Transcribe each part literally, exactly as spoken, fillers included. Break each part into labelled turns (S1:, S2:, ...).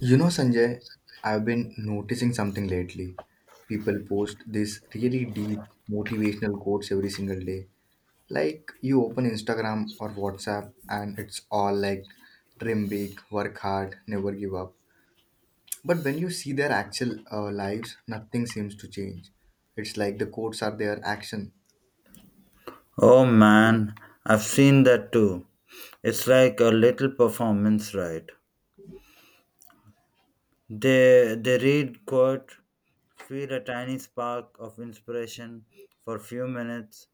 S1: You know, Sanjay, I've been noticing something lately. People post these really deep motivational quotes every single day. Like you open Instagram or WhatsApp and it's all like dream big, work hard, never give up. But when you see their actual uh, lives, nothing seems to change. It's like the quotes are their action.
S2: Oh man, I've seen that too. It's like a little performance, right? They they read quote, feel a tiny spark of inspiration for a few minutes,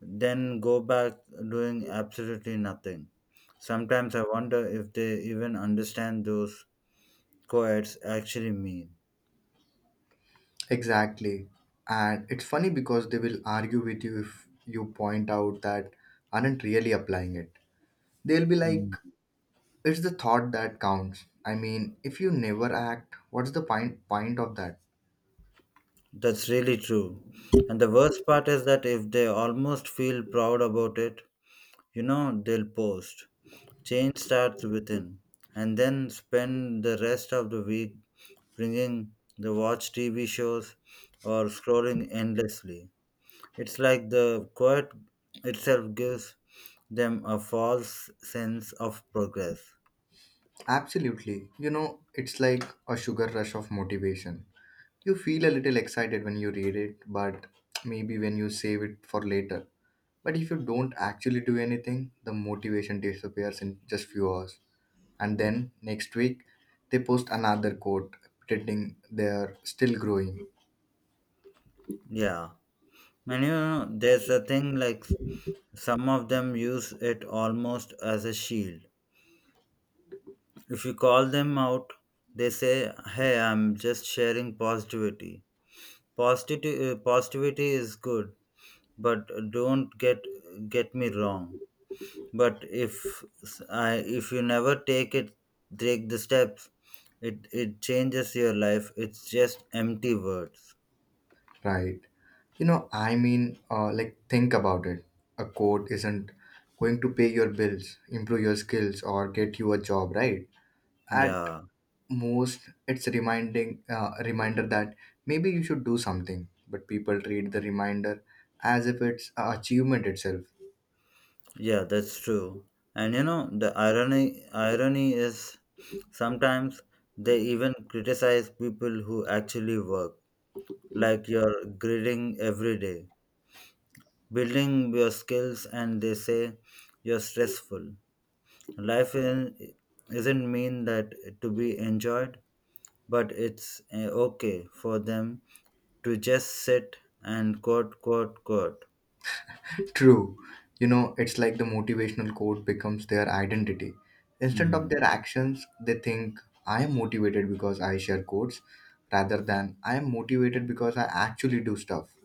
S2: then go back doing absolutely nothing. Sometimes I wonder if they even understand those quotes actually mean.
S1: Exactly. And it's funny because they will argue with you if you point out that aren't really applying it. They'll be
S2: Hmm,
S1: like, it's the thought that counts. I mean, if you never act, what's the point point of that?
S2: that's really true. And the worst part is that if they almost feel proud about it, you know, they'll post. Change starts within, and then spend the rest of the week bringing the watch T V shows or scrolling endlessly. It's like the quiet itself gives them a false sense of progress.
S1: Absolutely. You know, it's like a sugar rush of motivation. You feel a little excited when you read it, but maybe when you save it for later. But if you don't actually do anything, the motivation disappears in just few hours. And then next week, they post another quote pretending they're still growing.
S2: Yeah, and you know, there's a thing like some of them use it almost as a shield. If you call them out, they say, "Hey, I'm just sharing positivity." Positivity, uh, positivity is good, but don't get get me wrong, but if s- I, if you never take it take the steps it it changes your life. It's just empty words.
S1: Right. You know, I mean, uh, like, think about it. A court isn't going to pay your bills, improve your skills, or get you a job, right? At
S2: Yeah,
S1: most, it's a reminding uh, a reminder that maybe you should do something, but people treat the reminder as if it's a achievement itself.
S2: yeah, that's true. And you know, the irony irony is sometimes they even criticize people who actually work, like you're grading every day, building your skills, and they say you're stressful. Life in, isn't mean that to be enjoyed, but it's uh, okay for them to just sit and quote, quote, quote.
S1: True. You know, it's like the motivational quote becomes their identity. Instead of
S2: Mm.
S1: their actions, they think, I am motivated because I share quotes, rather than I am motivated because I actually do stuff.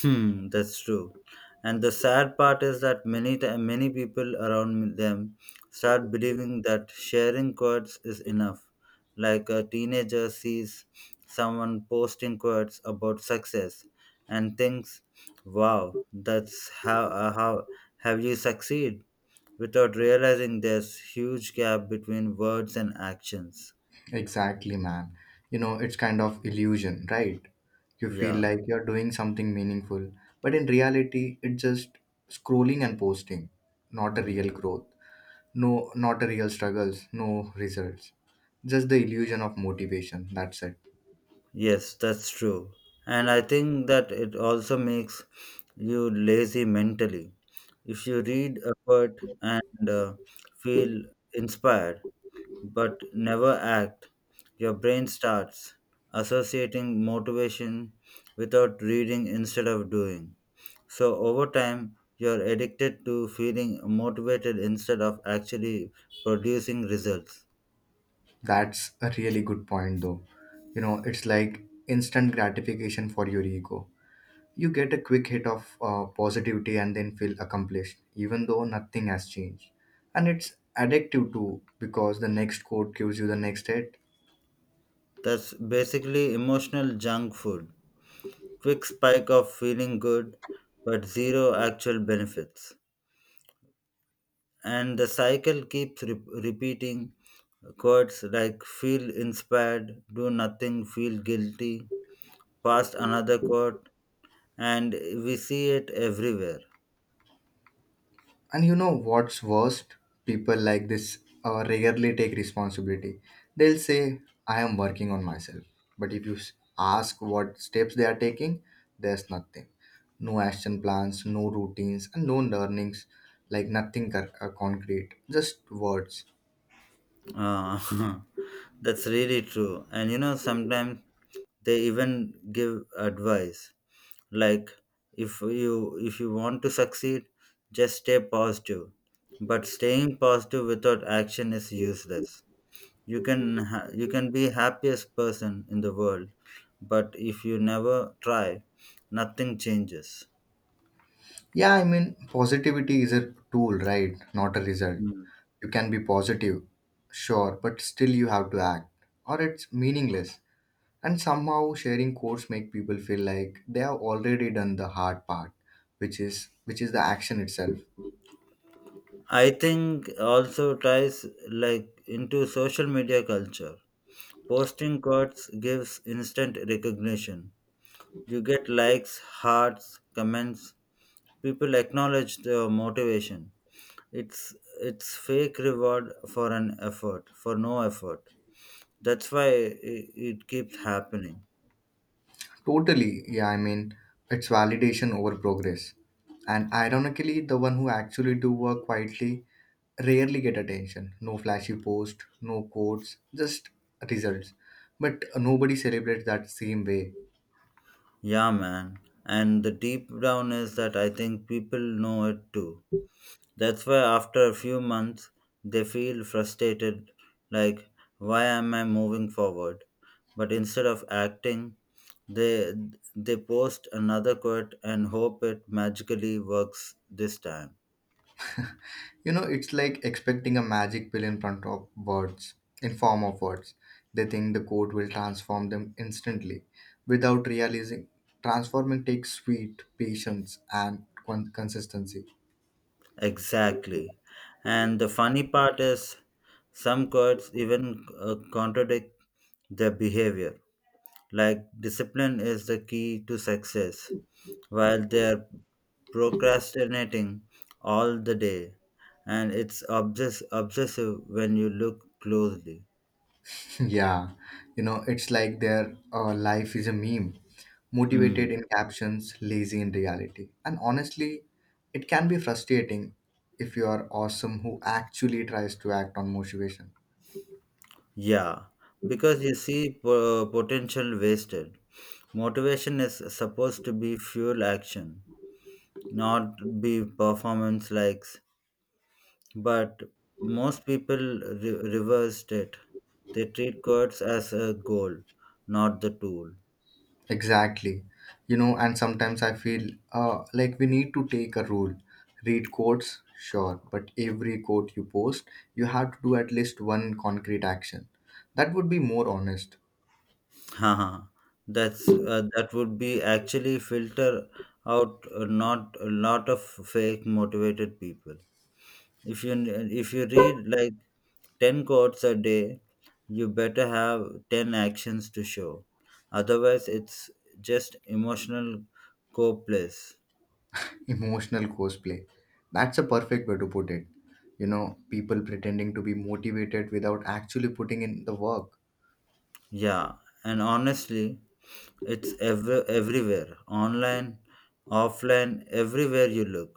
S2: Hmm, that's true. And the sad part is that many ti- many people around them start believing that sharing quotes is enough. Like a teenager sees someone posting quotes about success and thinks, "Wow, that's how uh, how have you succeed?" without realizing there's huge gap between words and actions.
S1: Exactly, man. You know, it's kind of illusion, right? You feel
S2: Yeah.
S1: like you're doing something meaningful, but in reality, it's just scrolling and posting, not a real
S2: Mm.
S1: growth. No, not a real struggles, no results. Just the illusion of motivation. That's it.
S2: Yes, that's true. And I think that it also makes you lazy mentally. If you read a quote and uh, feel inspired but never act, your brain starts associating motivation without reading instead of doing. So over time, you're addicted to feeling motivated instead of actually producing results.
S1: That's a really good point, though. You know, it's like instant gratification for your ego. You get a quick hit of uh, positivity and then feel accomplished, even though nothing has changed. And it's addictive too, because the next quote gives you the next hit.
S2: That's basically emotional junk food. Quick spike of feeling good, but zero actual benefits. And the cycle keeps re- repeating quotes like feel inspired, do nothing, feel guilty, past another quote, and we see it everywhere.
S1: And you know what's worst? People like this uh, rarely take responsibility. They'll say, I am working on myself. But if you s- ask what steps they are taking, there's nothing. No action plans, no routines, and no learnings, like nothing cur- uh, concrete, just words.
S2: Uh, that's really true. And you know, sometimes they even give advice like, if you if you want to succeed, just stay positive. But staying positive without action is useless. You can ha- you can be happiest person in the world, but if you never try, nothing changes.
S1: Yeah, I mean, positivity is a tool, right? Not a result.
S2: Mm.
S1: You can be positive, sure, but still you have to act, or it's meaningless. And somehow sharing quotes make people feel like they have already done the hard part, which is which is the action itself.
S2: I think also ties like into social media culture. Posting quotes gives instant recognition. You get likes, hearts, comments. People acknowledge the motivation. It's it's fake reward for an effort, for no effort. That's why it, it keeps happening.
S1: Totally, yeah, I mean it's validation over progress. And ironically, the one who actually do work quietly rarely get attention. No flashy post, no quotes, just results. But nobody celebrates that same way.
S2: Yeah, man. And the deep down is that I think people know it too. That's why after a few months they feel frustrated, like why am I moving forward? But instead of acting, they they post another quote and hope it magically works this time.
S1: You know, it's like expecting a magic pill in front of words, in form of words. They think the code will transform them instantly without realizing transforming takes sweet patience and con- consistency.
S2: Exactly. And the funny part is some quotes even uh, contradict their behavior. Like discipline is the key to success, while their procrastinating all the day, and it's obsess- obsessive when you look closely.
S1: Yeah, you know, it's like their uh, life is a meme, motivated
S2: Hmm.
S1: in captions, lazy in reality. And honestly, it can be frustrating if you are awesome who actually tries to act on motivation.
S2: Yeah, because you see po- potential wasted. Motivation is supposed to be fuel action, not be performance likes. But most people re- reversed it. They treat quotes as a goal, not the tool.
S1: Exactly. You know, and sometimes I feel uh, like we need to take a rule. Read quotes, sure, but every quote you post, you have to do at least one concrete action. That would be more honest.
S2: Huh, huh. That's uh, that would be actually filter out a not a lot of fake motivated people. If you if you read like ten quotes a day, you better have ten actions to show. Otherwise, it's just emotional co-place.
S1: Emotional cosplay. That's a perfect way to put it. You know, people pretending to be motivated without actually putting in the work.
S2: Yeah, and honestly, it's ever everywhere, online, offline, everywhere you look.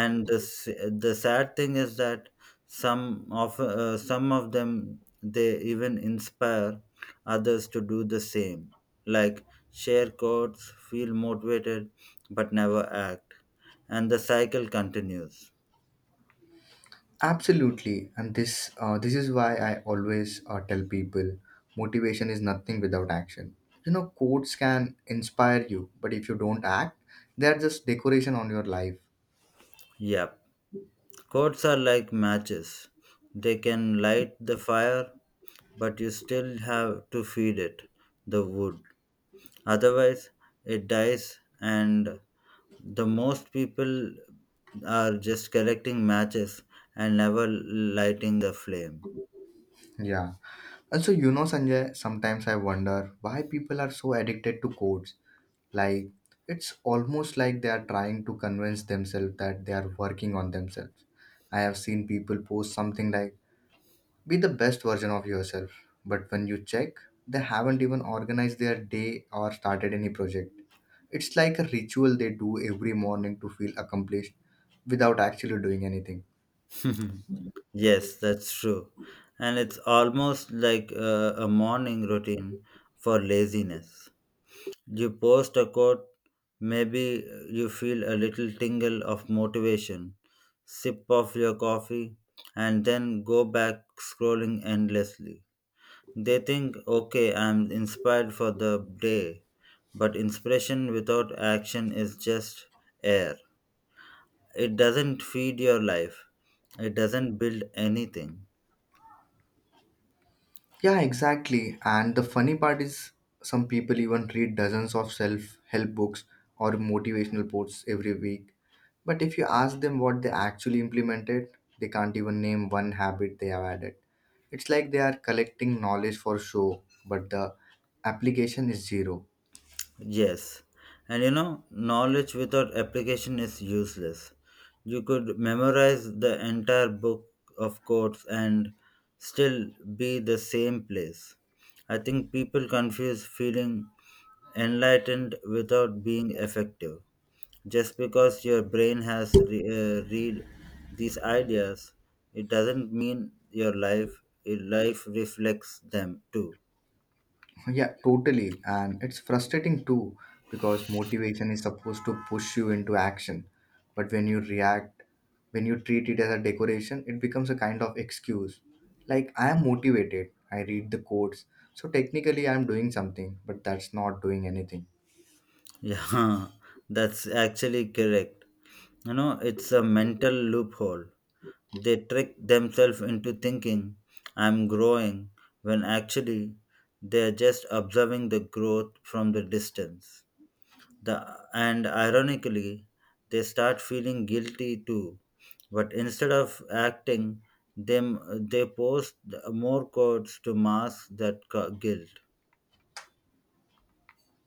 S2: And the s- the sad thing is that some of uh, some of them they even inspire others to do the same, like share codes, feel motivated but never act, and the cycle continues.
S1: Absolutely, and this uh, this is why I always uh, tell people motivation is nothing without action. You know, quotes can inspire you, but if you don't act, they are just decoration on your life.
S2: Yep, codes are like matches. They can light the fire, but you still have to feed it the wood. Otherwise, it dies, and the most people are just collecting matches and never lighting the flame.
S1: Yeah. Also, you know, Sanjay, sometimes I wonder why people are so addicted to quotes. Like, it's almost like they are trying to convince themselves that they are working on themselves. I have seen people post something like be the best version of yourself. But when you check, they haven't even organized their day or started any project. It's like a ritual they do every morning to feel accomplished without actually doing anything.
S2: Yes, that's true. And it's almost like a, a morning routine for laziness. You post a quote, maybe you feel a little tingle of motivation, sip of your coffee, and then go back scrolling endlessly. They think, okay, I'm inspired for the day, but inspiration without action is just air. It doesn't feed your life, it doesn't build anything.
S1: Yeah, exactly. And the funny part is, some people even read dozens of self help books or motivational quotes every week. But if you ask them what they actually implemented, they can't even name one habit they have added. It's like they are collecting knowledge for show, but the application is zero.
S2: Yes. And you know, knowledge without application is useless. You could memorize the entire book of quotes and still be the same place. I think people confuse feeling enlightened without being effective. Just because your brain has re- uh, read these ideas, it doesn't mean your life your life reflects them too.
S1: Yeah, totally. And it's frustrating too because motivation is supposed to push you into action. But when you react, when you treat it as a decoration, it becomes a kind of excuse. Like, I am motivated, I read the codes. So technically, I am doing something, but that's not doing anything.
S2: Yeah, that's actually correct. You know, it's a mental loophole. They trick themselves into thinking I'm growing when actually they're just observing the growth from the distance. The, and ironically, they start feeling guilty too. But instead of acting, them they post more codes to mask that cu- guilt.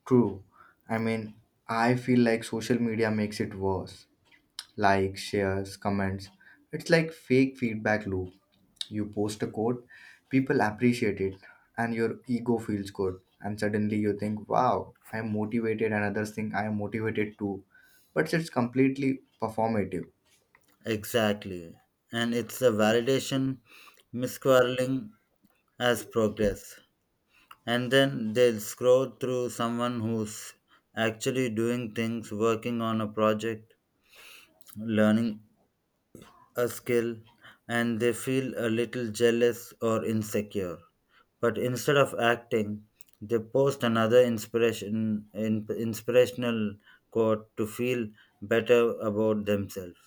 S1: True. I mean, I feel like social media makes it worse. Likes, shares, comments. It's like fake feedback loop. You post a quote, people appreciate it, and your ego feels good. And suddenly you think, wow, I am motivated, and others think I am motivated too. But it's completely performative.
S2: Exactly. And it's a validation misquarreling as progress. And then they'll scroll through someone who's actually doing things, working on a project, learning a skill, and they feel a little jealous or insecure. But instead of acting, they post another inspiration in, inspirational quote to feel better about themselves.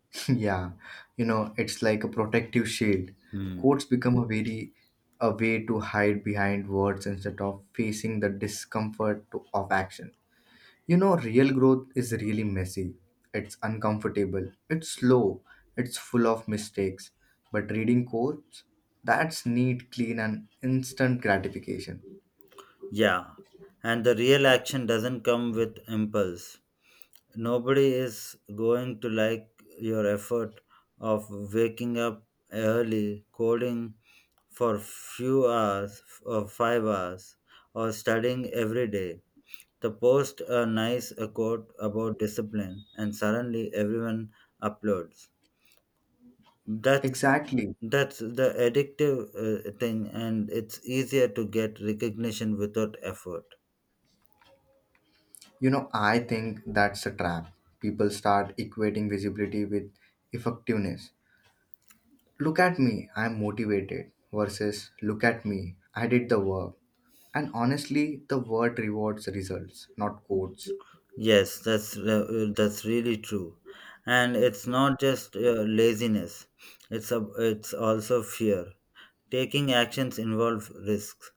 S1: Yeah, you know, it's like a protective shield.
S2: Hmm.
S1: Quotes become a very a way to hide behind words instead of facing the discomfort to, of action. You know, real growth is really messy. It's uncomfortable. It's slow. It's full of mistakes. But reading quotes, that's neat, clean, and instant gratification.
S2: Yeah, and the real action doesn't come with impulse. Nobody is going to like your effort of waking up early, coding for few hours or five hours or studying every day. The post a nice uh, quote about discipline, and suddenly everyone uploads. That's
S1: Exactly.
S2: that's the addictive uh, thing, and it's easier to get recognition without effort.
S1: You know, I think that's a trap. People start equating visibility with effectiveness. Look at me, I'm motivated, versus look at me, I did the work. And honestly, the word rewards results, not quotes.
S2: Yes, that's uh, that's really true, and it's not just uh, laziness. It's a, it's also fear. Taking actions involve risks.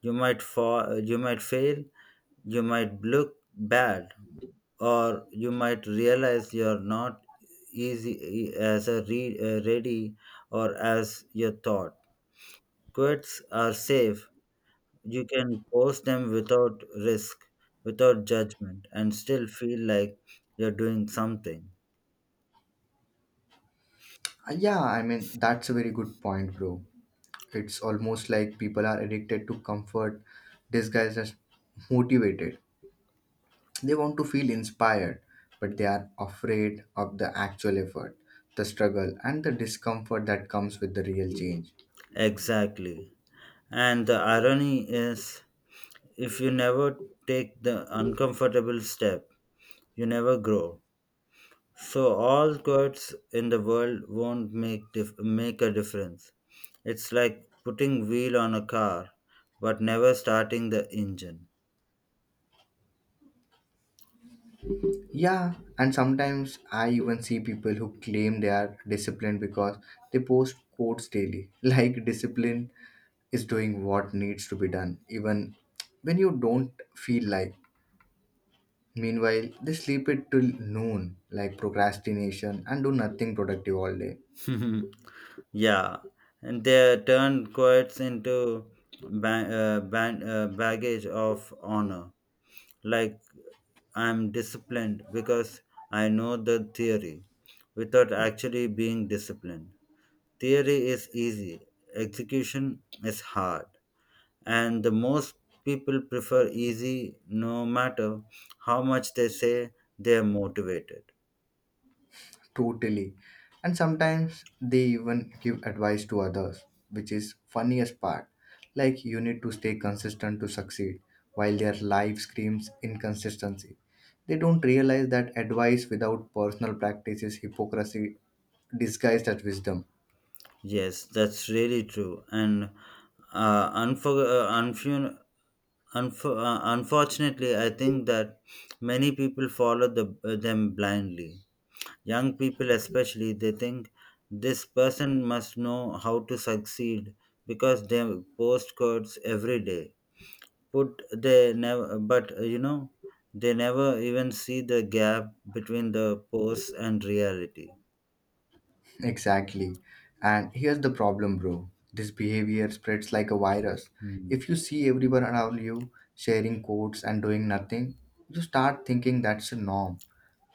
S2: You might fall, you might fail, you might look bad, or you might realize you're not easy e, as a re- uh, ready or as you thought. Quits are safe. You can post them without risk, without judgment, and still feel like you're doing something.
S1: Uh, Yeah, I mean, that's a very good point, bro. It's almost like people are addicted to comfort disguised as motivated. They want to feel inspired, but they are afraid of the actual effort, the struggle, and the discomfort that comes with the real change.
S2: Exactly. And the irony is, if you never take the uncomfortable step, you never grow. So all quotes in the world won't make dif- make a difference. It's like putting wheel on a car, but never starting the engine.
S1: Yeah, and sometimes I even see people who claim they are disciplined because they post quotes daily, like discipline is doing what needs to be done, even when you don't feel like. Meanwhile, they sleep it till noon, like procrastination, and do nothing productive all day.
S2: Yeah, and they turn quotes into ba- uh, ban- uh, baggage of honor. Like I'm disciplined because I know the theory, without actually being disciplined. Theory is easy, execution is hard, and the most people prefer easy no matter how much they say they are motivated.
S1: Totally. And sometimes they even give advice to others, which is funniest part. Like you need to stay consistent to succeed, while their life screams inconsistency. They don't realize that advice without personal practice is hypocrisy disguised as wisdom.
S2: Yes, that's really true, and uh, unfor- uh, unfu- unfor- uh, unfortunately I think that many people follow the, uh, them blindly. Young people especially, they think this person must know how to succeed because they post codes every day, put they never but uh, you know, they never even see the gap between the post and reality.
S1: Exactly. And here's the problem, bro. This behavior spreads like a virus.
S2: Hmm.
S1: If you see everyone around you sharing quotes and doing nothing, you start thinking that's a norm.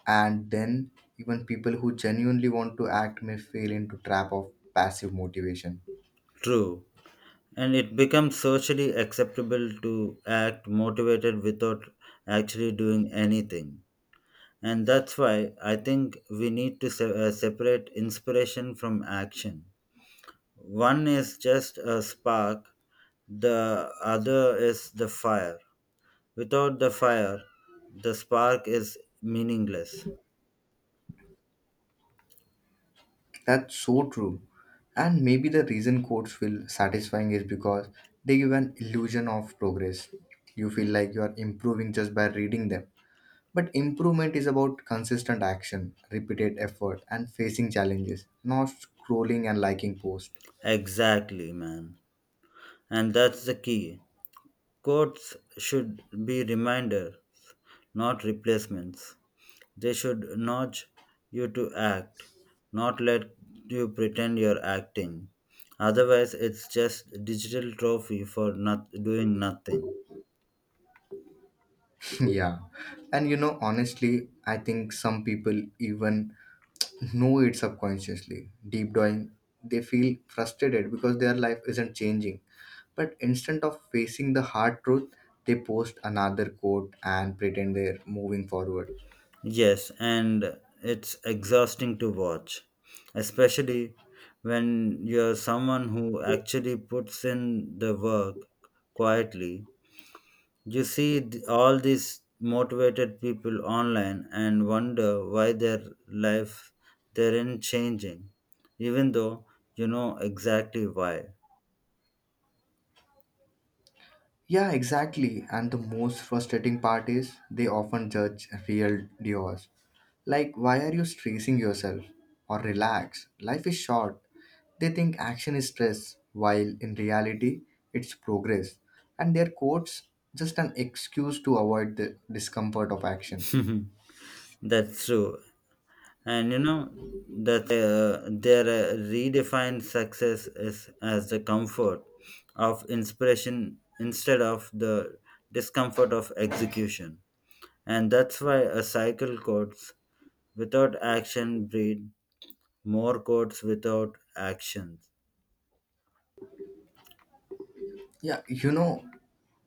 S1: And then even people who genuinely want to act may fall into trap of passive motivation.
S2: True, and it becomes socially acceptable to act motivated without actually doing anything. And that's why I think we need to se- uh, separate inspiration from action. One is just a spark, the other is the fire. Without the fire, the spark is meaningless.
S1: That's so true. And maybe the reason quotes feel satisfying is because they give an illusion of progress. You feel like you are improving just by reading them. But improvement is about consistent action, repeated effort, and facing challenges, not scrolling and liking posts.
S2: Exactly, man. And that's the key. Quotes should be reminders, not replacements. They should nudge you to act, not let you pretend you're acting. Otherwise, it's just digital trophy for not doing nothing.
S1: Yeah. And you know, honestly, I think some people even know it subconsciously. Deep down, they feel frustrated because their life isn't changing. But instead of facing the hard truth, they post another quote and pretend they're moving forward.
S2: Yes, and it's exhausting to watch, especially when you're someone who actually puts in the work quietly. You see th- all these motivated people online and wonder why their life they're changing, even though you know exactly why.
S1: Yeah, exactly. And the most frustrating part is they often judge real duos. Like, why are you stressing yourself? Or relax. Life is short. They think action is stress, while in reality, it's progress. And their quotes just an excuse to avoid the discomfort of action.
S2: That's true. And you know that uh, their uh, redefined success is as the comfort of inspiration instead of the discomfort of execution. And that's why a cycle codes without action breed more codes without actions.
S1: Yeah, you know,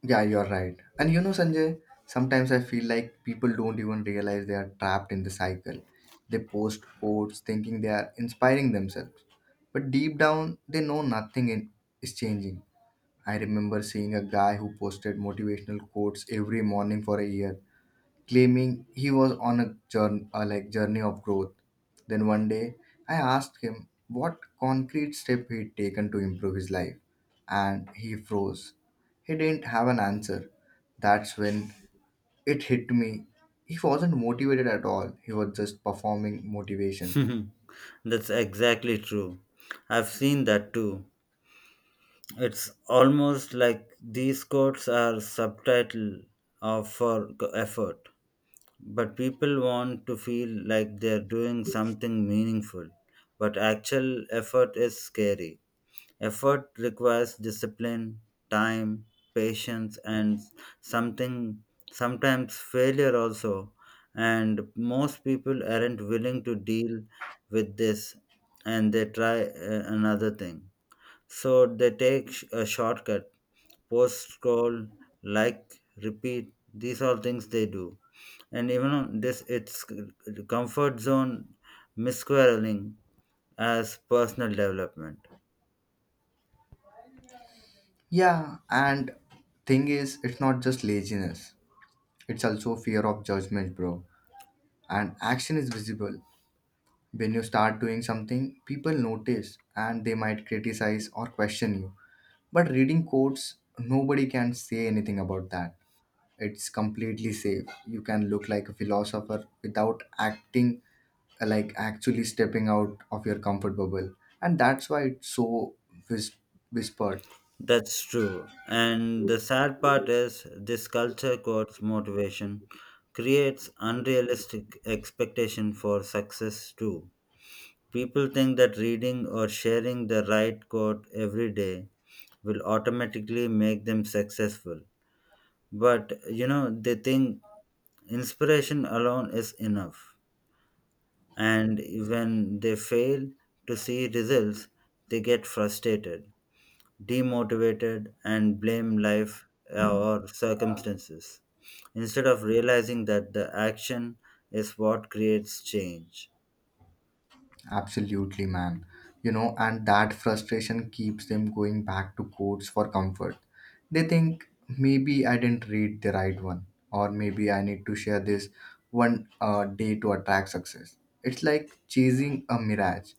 S1: yeah, you're right. And you know, Sanjay, sometimes I feel like people don't even realize they are trapped in the cycle. They post quotes thinking they are inspiring themselves, but deep down, they know nothing in, is changing. I remember seeing a guy who posted motivational quotes every morning for a year, claiming he was on a journey, uh, like journey of growth. Then one day, I asked him what concrete step he'd taken to improve his life, and he froze. He didn't have an answer. That's when it hit me. He wasn't motivated at all. He was just performing motivation.
S2: That's exactly true. I've seen that too. It's almost like these codes are subtitle of for c- effort, but people want to feel like they're doing something meaningful. But actual effort is scary. Effort requires discipline, time, patience, and something sometimes failure also. And most people aren't willing to deal with this, and they try uh, another thing. So they take sh- a shortcut, post scroll, like, repeat. These are things they do, and even on this, it's comfort zone, misquareling as personal development.
S1: Yeah, and thing is, it's not just laziness. It's also fear of judgment, bro. And action is visible. When you start doing something, people notice and they might criticize or question you. But reading quotes, nobody can say anything about that. It's completely safe. You can look like a philosopher without acting like actually stepping out of your comfort bubble. And that's why it's so whis- whispered.
S2: That's true. And the sad part is, this culture codes motivation, creates unrealistic expectation for success too. People think that reading or sharing the right quote every day will automatically make them successful. But you know, they think inspiration alone is enough. And when they fail to see results, they get frustrated, demotivated, and blame life uh, or circumstances instead of realizing that the action is what creates change.
S1: Absolutely, man. You know, and that frustration keeps them going back to courts for comfort. They think maybe I didn't read the right one, or maybe I need to share this one uh, day to attract success. It's like chasing a mirage,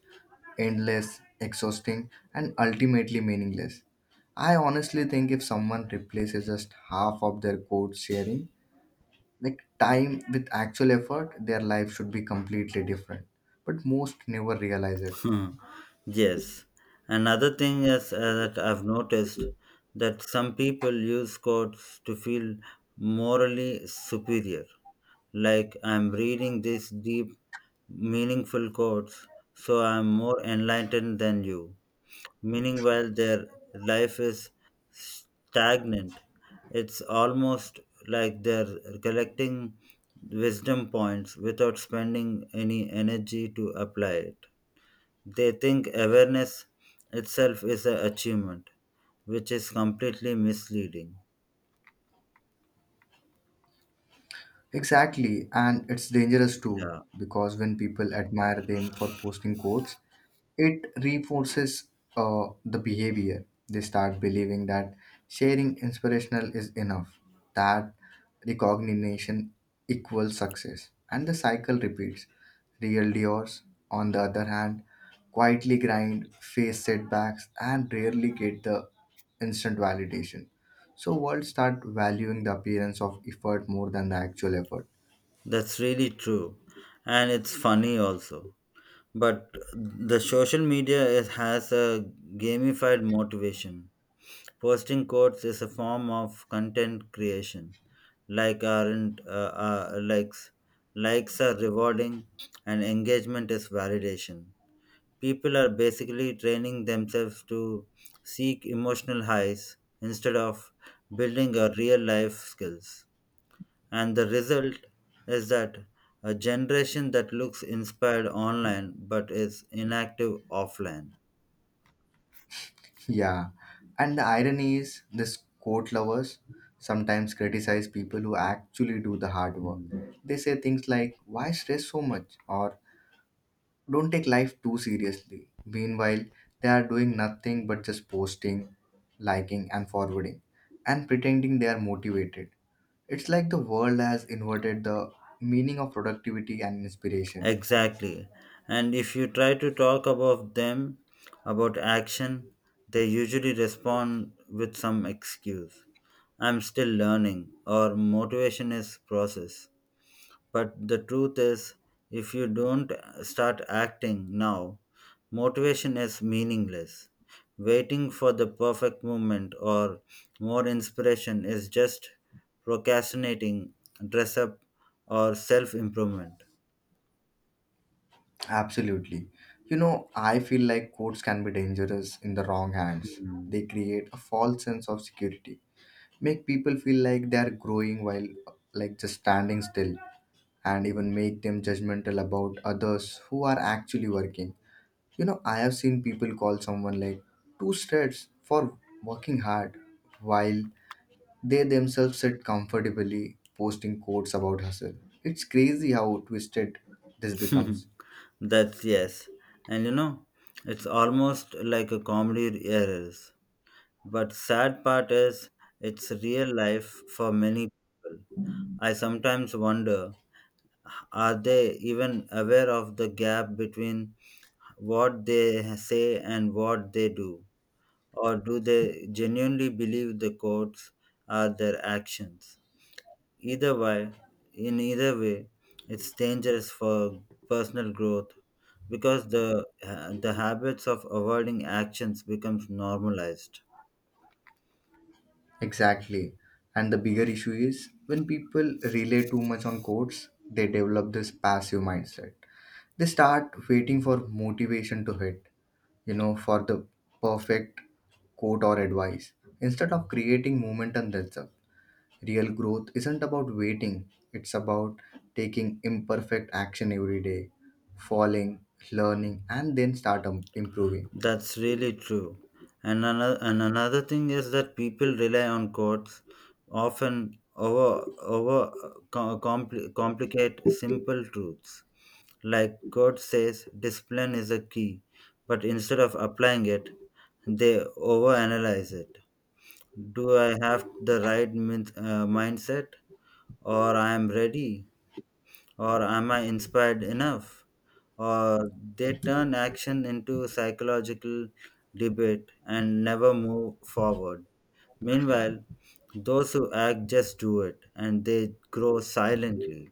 S1: endless, exhausting, and ultimately meaningless. I honestly think if someone replaces just half of their code sharing like time with actual effort, their life should be completely different, but most never realize it.
S2: Hmm. Yes. Another thing is uh, that I've noticed that some people use quotes to feel morally superior. Like I'm reading these deep, meaningful quotes, so I'm more enlightened than you. Meaning while their life is stagnant. It's almost like they're collecting wisdom points without spending any energy to apply it. They think awareness itself is an achievement, which is completely misleading.
S1: Exactly, and it's dangerous too
S2: Yeah,
S1: because when people admire them for posting quotes, it reinforces uh, the behavior. They start believing that sharing inspirational is enough, that recognition equals success, and the cycle repeats. Real Diors, on the other hand, quietly grind, face setbacks, and rarely get the instant validation. So world start valuing the appearance of effort more than the actual effort.
S2: that's really true. And it's funny also. But the social media is, has a gamified motivation. Posting quotes is a form of content creation. Like aren't uh, uh, likes. Likes are rewarding, and engagement is validation. People are basically training themselves to seek emotional highs instead of building a real life skills. And the result is that a generation that looks inspired online but is inactive offline.
S1: Yeah. And the irony is this quote lovers sometimes criticize people who actually do the hard work. They say things like why stress so much or don't take life too seriously. Meanwhile, they are doing nothing but just posting, liking and forwarding and pretending they are motivated. It's like the world has inverted the meaning of productivity and inspiration.
S2: Exactly. And if you try to talk about them, about action, they usually respond with some excuse. I'm still learning, or motivation is process. But the truth is, if you don't start acting now, motivation is meaningless. Waiting for the perfect moment or more inspiration is just procrastinating, dress up, or self improvement.
S1: Absolutely. You know, I feel like courts can be dangerous in the wrong hands. They create a false sense of security, make people feel like they are growing while like just standing still, and even make them judgmental about others who are actually working. You know, I have seen people call someone like two straights for working hard while they themselves sit comfortably posting quotes about hustle. It's crazy how twisted this becomes.
S2: That's yes. And you know, it's almost like a comedy errors. But sad part is it's real life for many people. I sometimes wonder, are they even aware of the gap between what they say and what they do? Or do they genuinely believe the quotes are their actions? Either way, in either way, it's dangerous for personal growth because the the habits of avoiding actions becomes normalized.
S1: Exactly. And the bigger issue is when people rely too much on quotes, they develop this passive mindset. They start waiting for motivation to hit, you know, for the perfect quote or advice instead of creating momentum themselves. Real growth isn't about waiting, it's about taking imperfect action every day, falling, learning, and then start um, improving.
S2: That's really true, and another, and another thing is that people rely on courts often over over uh, co- compli complicate simple truths. Like court says discipline is a key, but instead of applying it, they overanalyze it. Do I have the right min- uh, mindset, or I am ready, or am I inspired enough? Uh, they turn action into psychological debate and never move forward. Meanwhile, those who act just do it and they grow silently.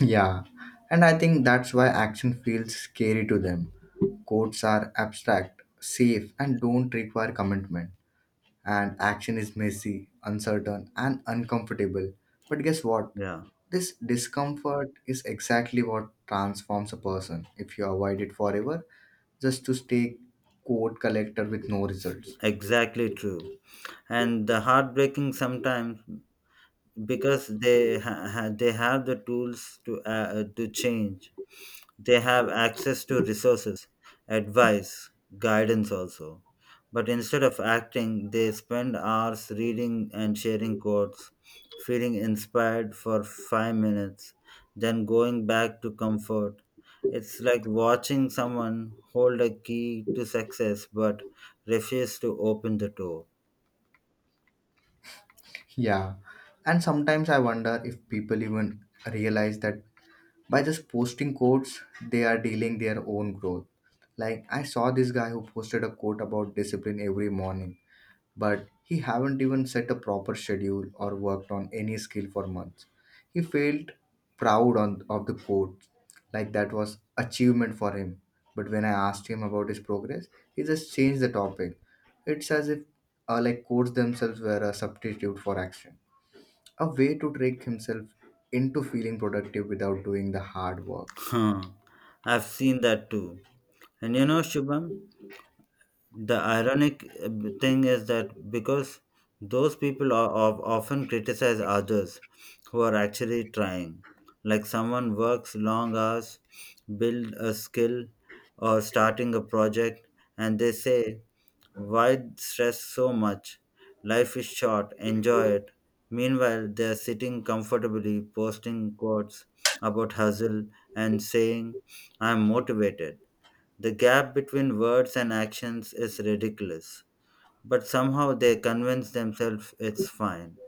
S1: Yeah, and I think that's why action feels scary to them. Codes are abstract, safe, and don't require commitment. And action is messy, uncertain, and uncomfortable. But guess what?
S2: Yeah,
S1: This discomfort is exactly what transforms a person. If you avoid it forever just to stay code collector with no results.
S2: exactly true. And the heartbreaking sometimes because they ha- ha- they have the tools to uh, to change. They have access to resources, advice, guidance also. But instead of acting, they spend hours reading and sharing quotes, feeling inspired for five minutes, then going back to comfort. It's like watching someone hold a key to success but refuse to open the door.
S1: Yeah, and sometimes I wonder if people even realize that by just posting quotes they are dealing their own growth. Like I saw this guy who posted a quote about discipline every morning, but he haven't even set a proper schedule or worked on any skill for months. He felt proud on of the quote, like that was achievement for him. But when I asked him about his progress, he just changed the topic. It's as if uh, like quotes themselves were a substitute for action, a way to trick himself into feeling productive without doing the hard work.
S2: Huh. I've seen that too. And you know, Shubham, the ironic uh, thing is that because those people are, of often criticize others who are actually trying, like someone works long hours, build a skill, or starting a project, and they say, "Why stress so much? Life is short. Enjoy it." Meanwhile, they are sitting comfortably, posting quotes about hustle and saying, "I am motivated." The gap between words and actions is ridiculous, but somehow they convince themselves it's fine.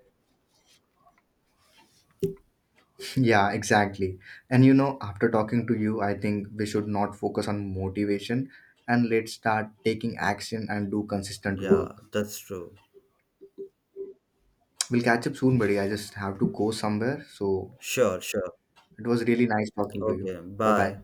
S1: Yeah, exactly. And you know, after talking to you, I think we should not focus on motivation and let's start taking action and do consistent work.
S2: Yeah, that's true.
S1: We'll catch up soon, buddy. I just have to go somewhere. So
S2: Sure, sure.
S1: it was really nice talking to you.
S2: Okay,
S1: Bye bye.
S2: bye.